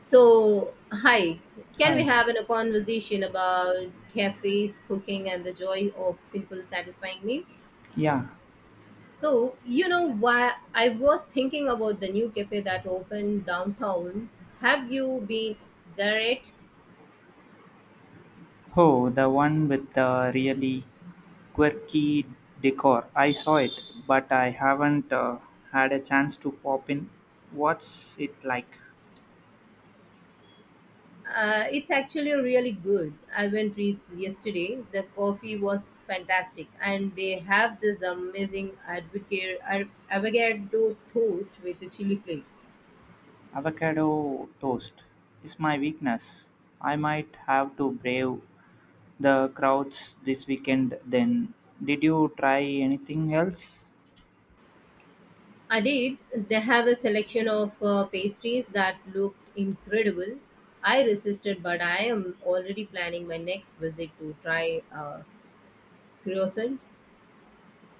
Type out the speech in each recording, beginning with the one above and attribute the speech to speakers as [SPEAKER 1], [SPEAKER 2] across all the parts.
[SPEAKER 1] So, hi, can we
[SPEAKER 2] Hi.
[SPEAKER 1] have a conversation about cafes, cooking, and the joy of simple, satisfying meals?
[SPEAKER 2] Yeah.
[SPEAKER 1] Why I was thinking about the new cafe that opened downtown. Have you been there yet?
[SPEAKER 2] Oh, the one with the really quirky decor. I saw it, but I haven't had a chance to pop in. What's it like?
[SPEAKER 1] It's actually really good. I went yesterday. The coffee was fantastic, and they have this amazing avocado toast with the chili flakes.
[SPEAKER 2] Avocado toast is my weakness. I might have to brave the crowds this weekend then. Did you try anything else?
[SPEAKER 1] I did. They have a selection of pastries that looked incredible. I resisted, but I am already planning my next visit to try croissant.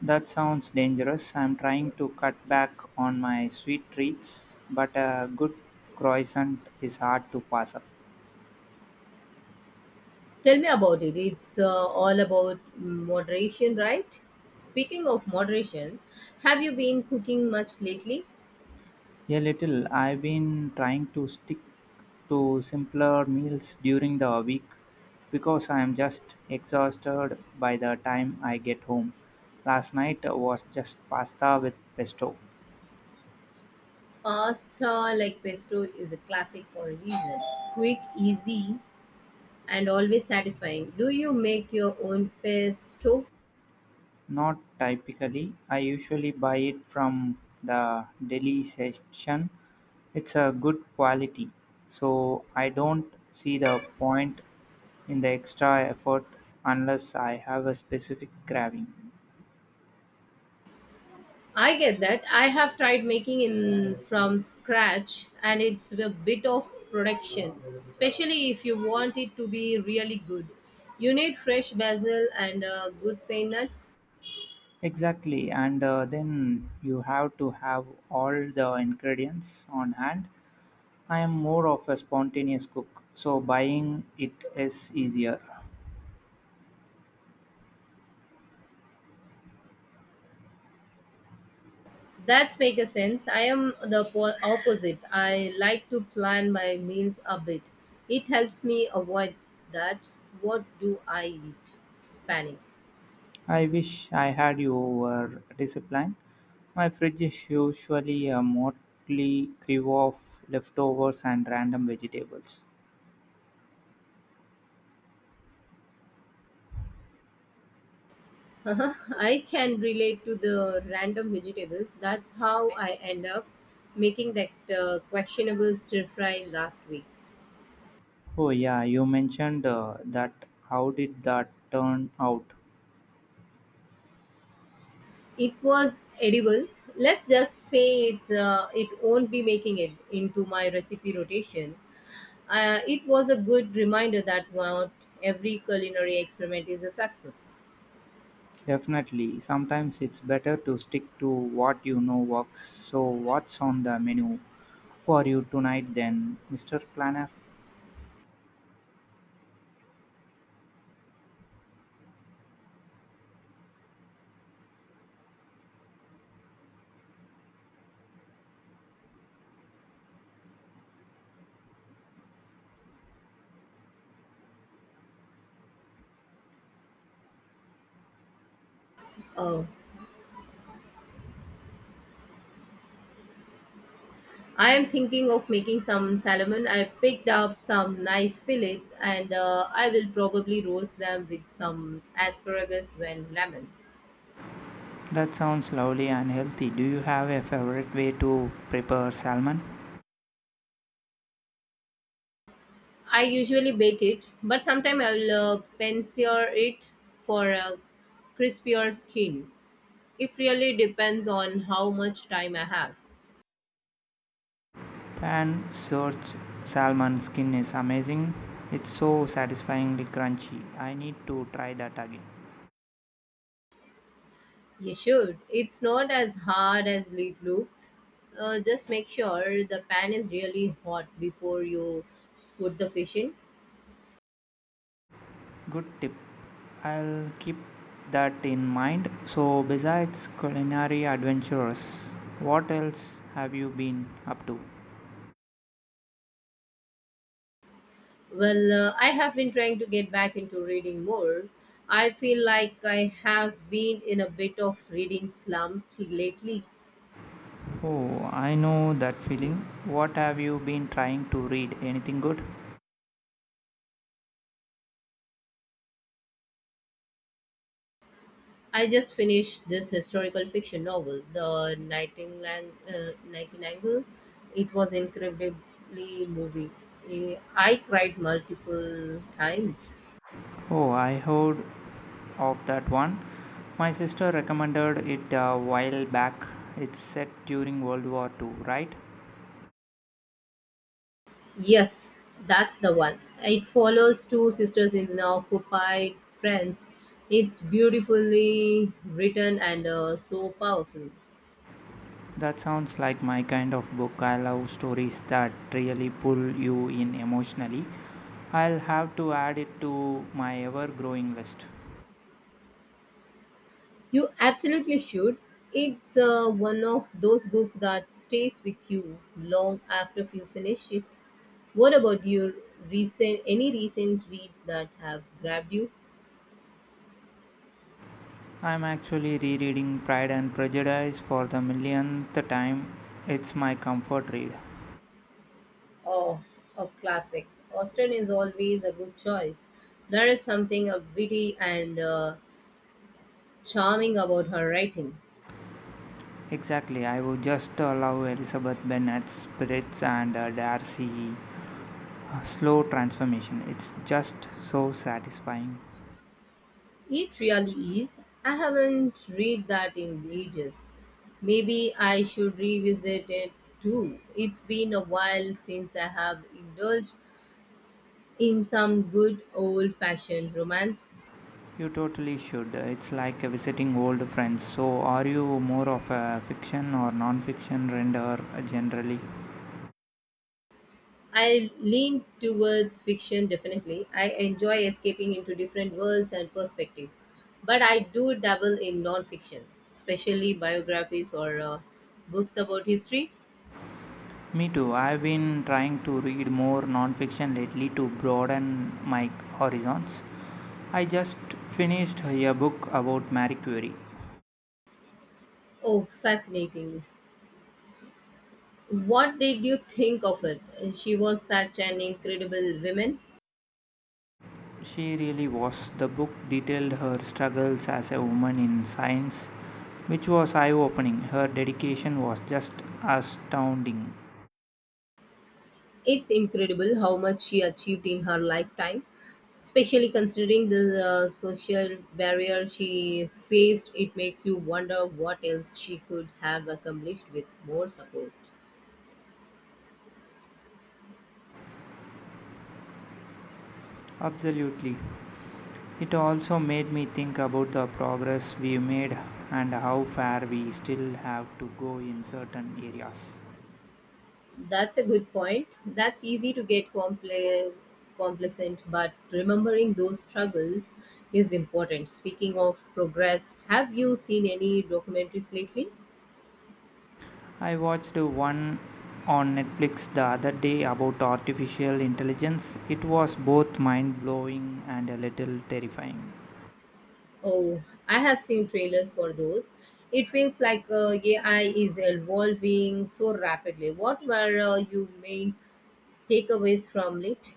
[SPEAKER 2] That sounds dangerous. I'm trying to cut back on my sweet treats, but a good croissant is hard to pass up.
[SPEAKER 1] Tell me about it. It's all about moderation, right? Speaking of moderation, have you been cooking much lately?
[SPEAKER 2] A little. I've been trying to stick to simpler meals during the week because I'm just exhausted by the time I get home. Last night was just pasta with pesto.
[SPEAKER 1] Pasta like pesto is a classic for a reason. Quick, easy, and always satisfying. Do you make your own pesto?
[SPEAKER 2] Not typically. I usually buy it from the deli section. It's a good quality, so I don't see the point in the extra effort unless I have a specific craving.
[SPEAKER 1] I get that. I have tried making in from scratch and it's a bit of production, especially if you want it to be really good. You need fresh basil and good pine nuts.
[SPEAKER 2] Exactly, and then you have to have all the ingredients on hand. I am more of a spontaneous cook, so buying it is easier.
[SPEAKER 1] That's make a sense. I am the opposite. I like to plan my meals a bit. It helps me avoid that. What do I eat? Panic.
[SPEAKER 2] I wish I had your discipline. My fridge is usually a motley crew of leftovers and random vegetables.
[SPEAKER 1] Uh-huh. I can relate to the random vegetables. That's how I end up making that questionable stir fry last week.
[SPEAKER 2] Oh, yeah, you mentioned that. How did that turn out?
[SPEAKER 1] It was edible. Let's just say it won't be making it into my recipe rotation. It was a good reminder that not every culinary experiment is a success.
[SPEAKER 2] Definitely. Sometimes it's better to stick to what you know works. So, what's on the menu for you tonight, then, Mr. Planner?
[SPEAKER 1] Oh. I am thinking of making some salmon. I picked up some nice fillets and I will probably roast them with some asparagus and lemon.
[SPEAKER 2] That sounds lovely and healthy. Do you have a favorite way to prepare salmon?
[SPEAKER 1] I usually bake it, but sometimes I will pan-sear it for a crispier skin. It really depends on how much time I have.
[SPEAKER 2] Pan search salmon skin is amazing. It's so satisfyingly crunchy. I need to try that again.
[SPEAKER 1] You should. It's not as hard as it looks. Just make sure the pan is really hot before you put the fish in.
[SPEAKER 2] Good tip. I'll keep that in mind. So, besides culinary adventures, what else have you been up to?
[SPEAKER 1] Well, I have been trying to get back into reading more. I feel like I have been in a bit of reading slump lately.
[SPEAKER 2] Oh, I know that feeling. What have you been trying to read? Anything good?
[SPEAKER 1] I just finished this historical fiction novel, The Nightingale. Nightingale. It was incredibly moving. I cried multiple times.
[SPEAKER 2] Oh, I heard of that one. My sister recommended it a while back. It's set during World War II, right?
[SPEAKER 1] Yes, that's the one. It follows two sisters in the occupied France. It's beautifully written and so powerful.
[SPEAKER 2] That sounds like my kind of book. I love stories that really pull you in emotionally. I'll have to add it to my ever growing list.
[SPEAKER 1] You absolutely should. It's one of those books that stays with you long after you finish it. What about your recent any recent reads that have grabbed you?
[SPEAKER 2] I'm actually rereading Pride and Prejudice for the millionth time. It's my comfort read.
[SPEAKER 1] Oh, a classic. Austen is always a good choice. There is something witty and charming about her writing.
[SPEAKER 2] Exactly, I would just allow Elizabeth Bennet's spirits and Darcy slow transformation. It's just so satisfying.
[SPEAKER 1] It really is. I haven't read that in ages. Maybe I should revisit it too. It's been a while since I have indulged in some good old fashioned romance.
[SPEAKER 2] You totally should. It's like visiting old friends. So, are you more of a fiction or non-fiction render generally?
[SPEAKER 1] I lean towards fiction definitely. I enjoy escaping into different worlds and perspectives. But I do dabble in non fiction, especially biographies or books about history.
[SPEAKER 2] Me too. I've been trying to read more non-fiction lately to broaden my horizons. I just finished a book about Marie Curie.
[SPEAKER 1] Oh, fascinating. What did you think of it? She was such an incredible woman.
[SPEAKER 2] She really was. The book detailed her struggles as a woman in science, which was eye-opening. Her dedication was just astounding.
[SPEAKER 1] It's incredible how much she achieved in her lifetime, especially considering the social barrier she faced. It makes you wonder what else she could have accomplished with more support.
[SPEAKER 2] Absolutely. It also made me think about the progress we've made and how far we still have to go in certain areas.
[SPEAKER 1] That's a good point. That's easy to get complacent, but remembering those struggles is important. Speaking of progress, have you seen any documentaries lately?
[SPEAKER 2] I watched one on Netflix the other day about artificial intelligence. It was both mind blowing and a little terrifying.
[SPEAKER 1] Oh, I have seen trailers for those. It feels like AI is evolving so rapidly. What were your main takeaways from it?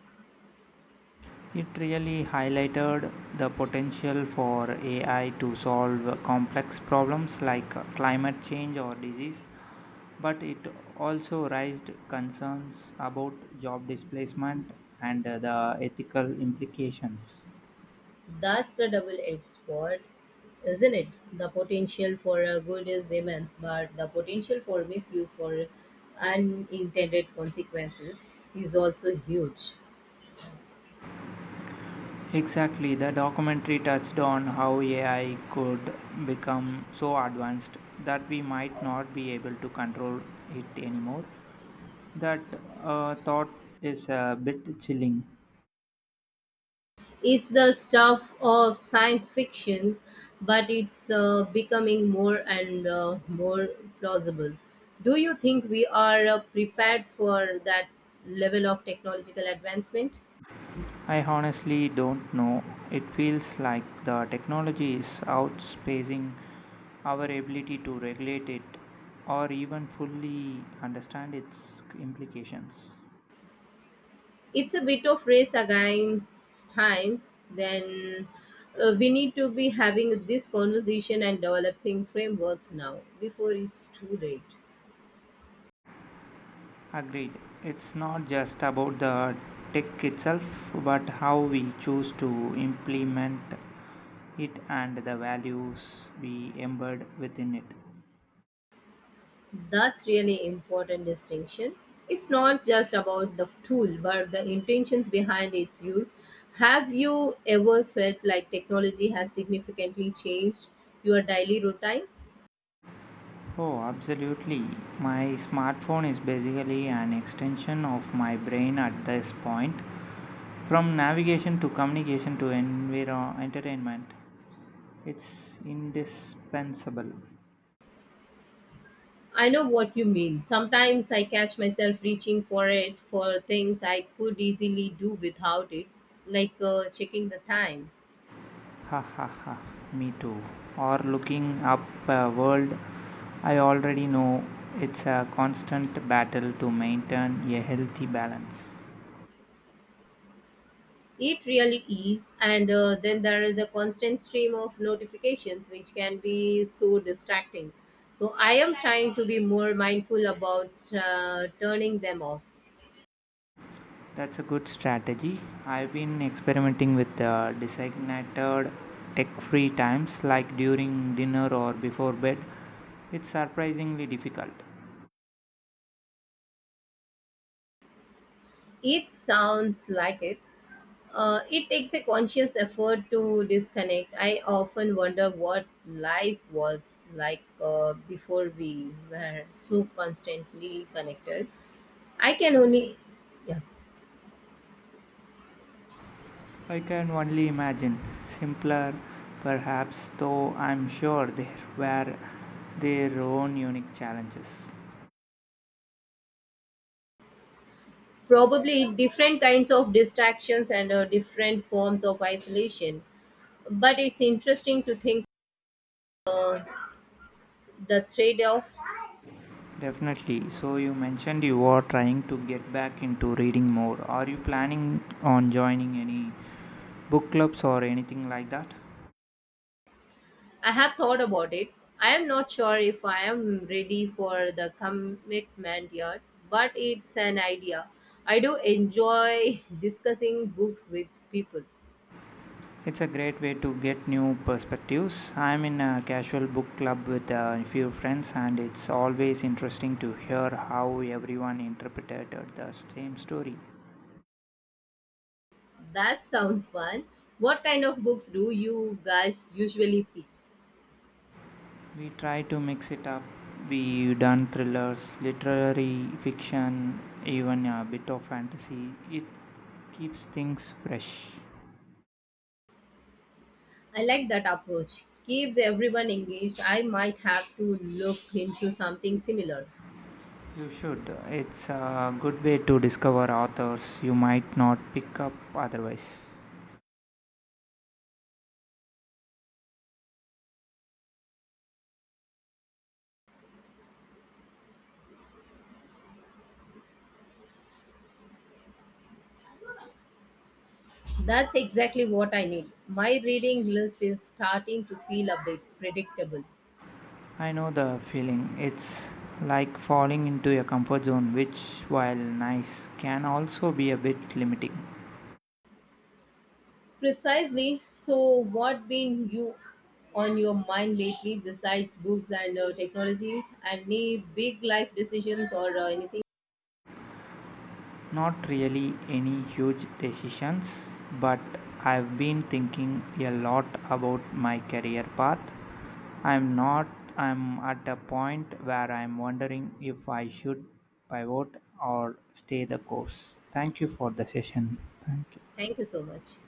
[SPEAKER 2] It really highlighted the potential for AI to solve complex problems like climate change or disease, but it also raised concerns about job displacement and the ethical implications.
[SPEAKER 1] That's the double edged sword, isn't it? The potential for good is immense, but the potential for misuse for unintended consequences is also huge.
[SPEAKER 2] Exactly, the documentary touched on how AI could become so advanced that we might not be able to control it anymore. That thought is a bit chilling.
[SPEAKER 1] It's the stuff of science fiction, but it's becoming more and more plausible. Do you think we are prepared for that level of technological advancement?
[SPEAKER 2] I honestly don't know. It feels like the technology is outspacing our ability to regulate it or even fully understand its implications.
[SPEAKER 1] It's a bit of race against time. Then We need to be having this conversation and developing frameworks now before it's too late.
[SPEAKER 2] Agreed. It's not just about the tech itself, but how we choose to implement it and the values we embed within it.
[SPEAKER 1] That's really important distinction. It's not just about the tool, but the intentions behind its use. Have you ever felt like technology has significantly changed your daily routine?
[SPEAKER 2] Oh, absolutely. My smartphone is basically an extension of my brain at this point. From navigation to communication to entertainment, it's indispensable.
[SPEAKER 1] I know what you mean. Sometimes I catch myself reaching for it for things I could easily do without it, like checking the time.
[SPEAKER 2] Ha ha ha, me too. Or looking up a world I already know. It's a constant battle to maintain a healthy balance.
[SPEAKER 1] It really is, and then there is a constant stream of notifications which can be so distracting. So, I am trying to be more mindful about turning them off.
[SPEAKER 2] That's a good strategy. I've been experimenting with designated tech free times like during dinner or before bed. It's surprisingly difficult.
[SPEAKER 1] It sounds like it. It takes a conscious effort to disconnect. I often wonder what life was like before we were so constantly connected. I can only, yeah.
[SPEAKER 2] I can only imagine. Simpler, perhaps, though I'm sure there were their own unique challenges.
[SPEAKER 1] Probably different kinds of distractions and different forms of isolation, but it's interesting to think uh, the trade-offs.
[SPEAKER 2] Definitely. So, you mentioned you are trying to get back into reading more. Are you planning on joining any book clubs or anything like that?
[SPEAKER 1] I have thought about it. I am not sure if I am ready for the commitment yet, but it's an idea. I do enjoy discussing books with people.
[SPEAKER 2] It's a great way to get new perspectives. I'm in a casual book club with a few friends, and it's always interesting to hear how everyone interpreted the same story.
[SPEAKER 1] That sounds fun. What kind of books do you guys usually pick?
[SPEAKER 2] We try to mix it up. We done thrillers, literary fiction, even a bit of fantasy. It keeps things fresh.
[SPEAKER 1] I like that approach. Keeps everyone engaged. I might have to look into something similar.
[SPEAKER 2] You should. It's a good way to discover authors you might not pick up otherwise.
[SPEAKER 1] That's exactly what I need. My reading list is starting to feel a bit predictable.
[SPEAKER 2] I know the feeling. It's like falling into your comfort zone, which, while nice, can also be a bit limiting.
[SPEAKER 1] Precisely. So, what been you on your mind lately besides books and technology? Any big life decisions or anything?
[SPEAKER 2] Not really any huge decisions, but I've been thinking a lot about my career path. I'm not I'm at a point where I'm wondering if I should pivot or stay the course. Thank you for the session. Thank you.
[SPEAKER 1] Thank you so much.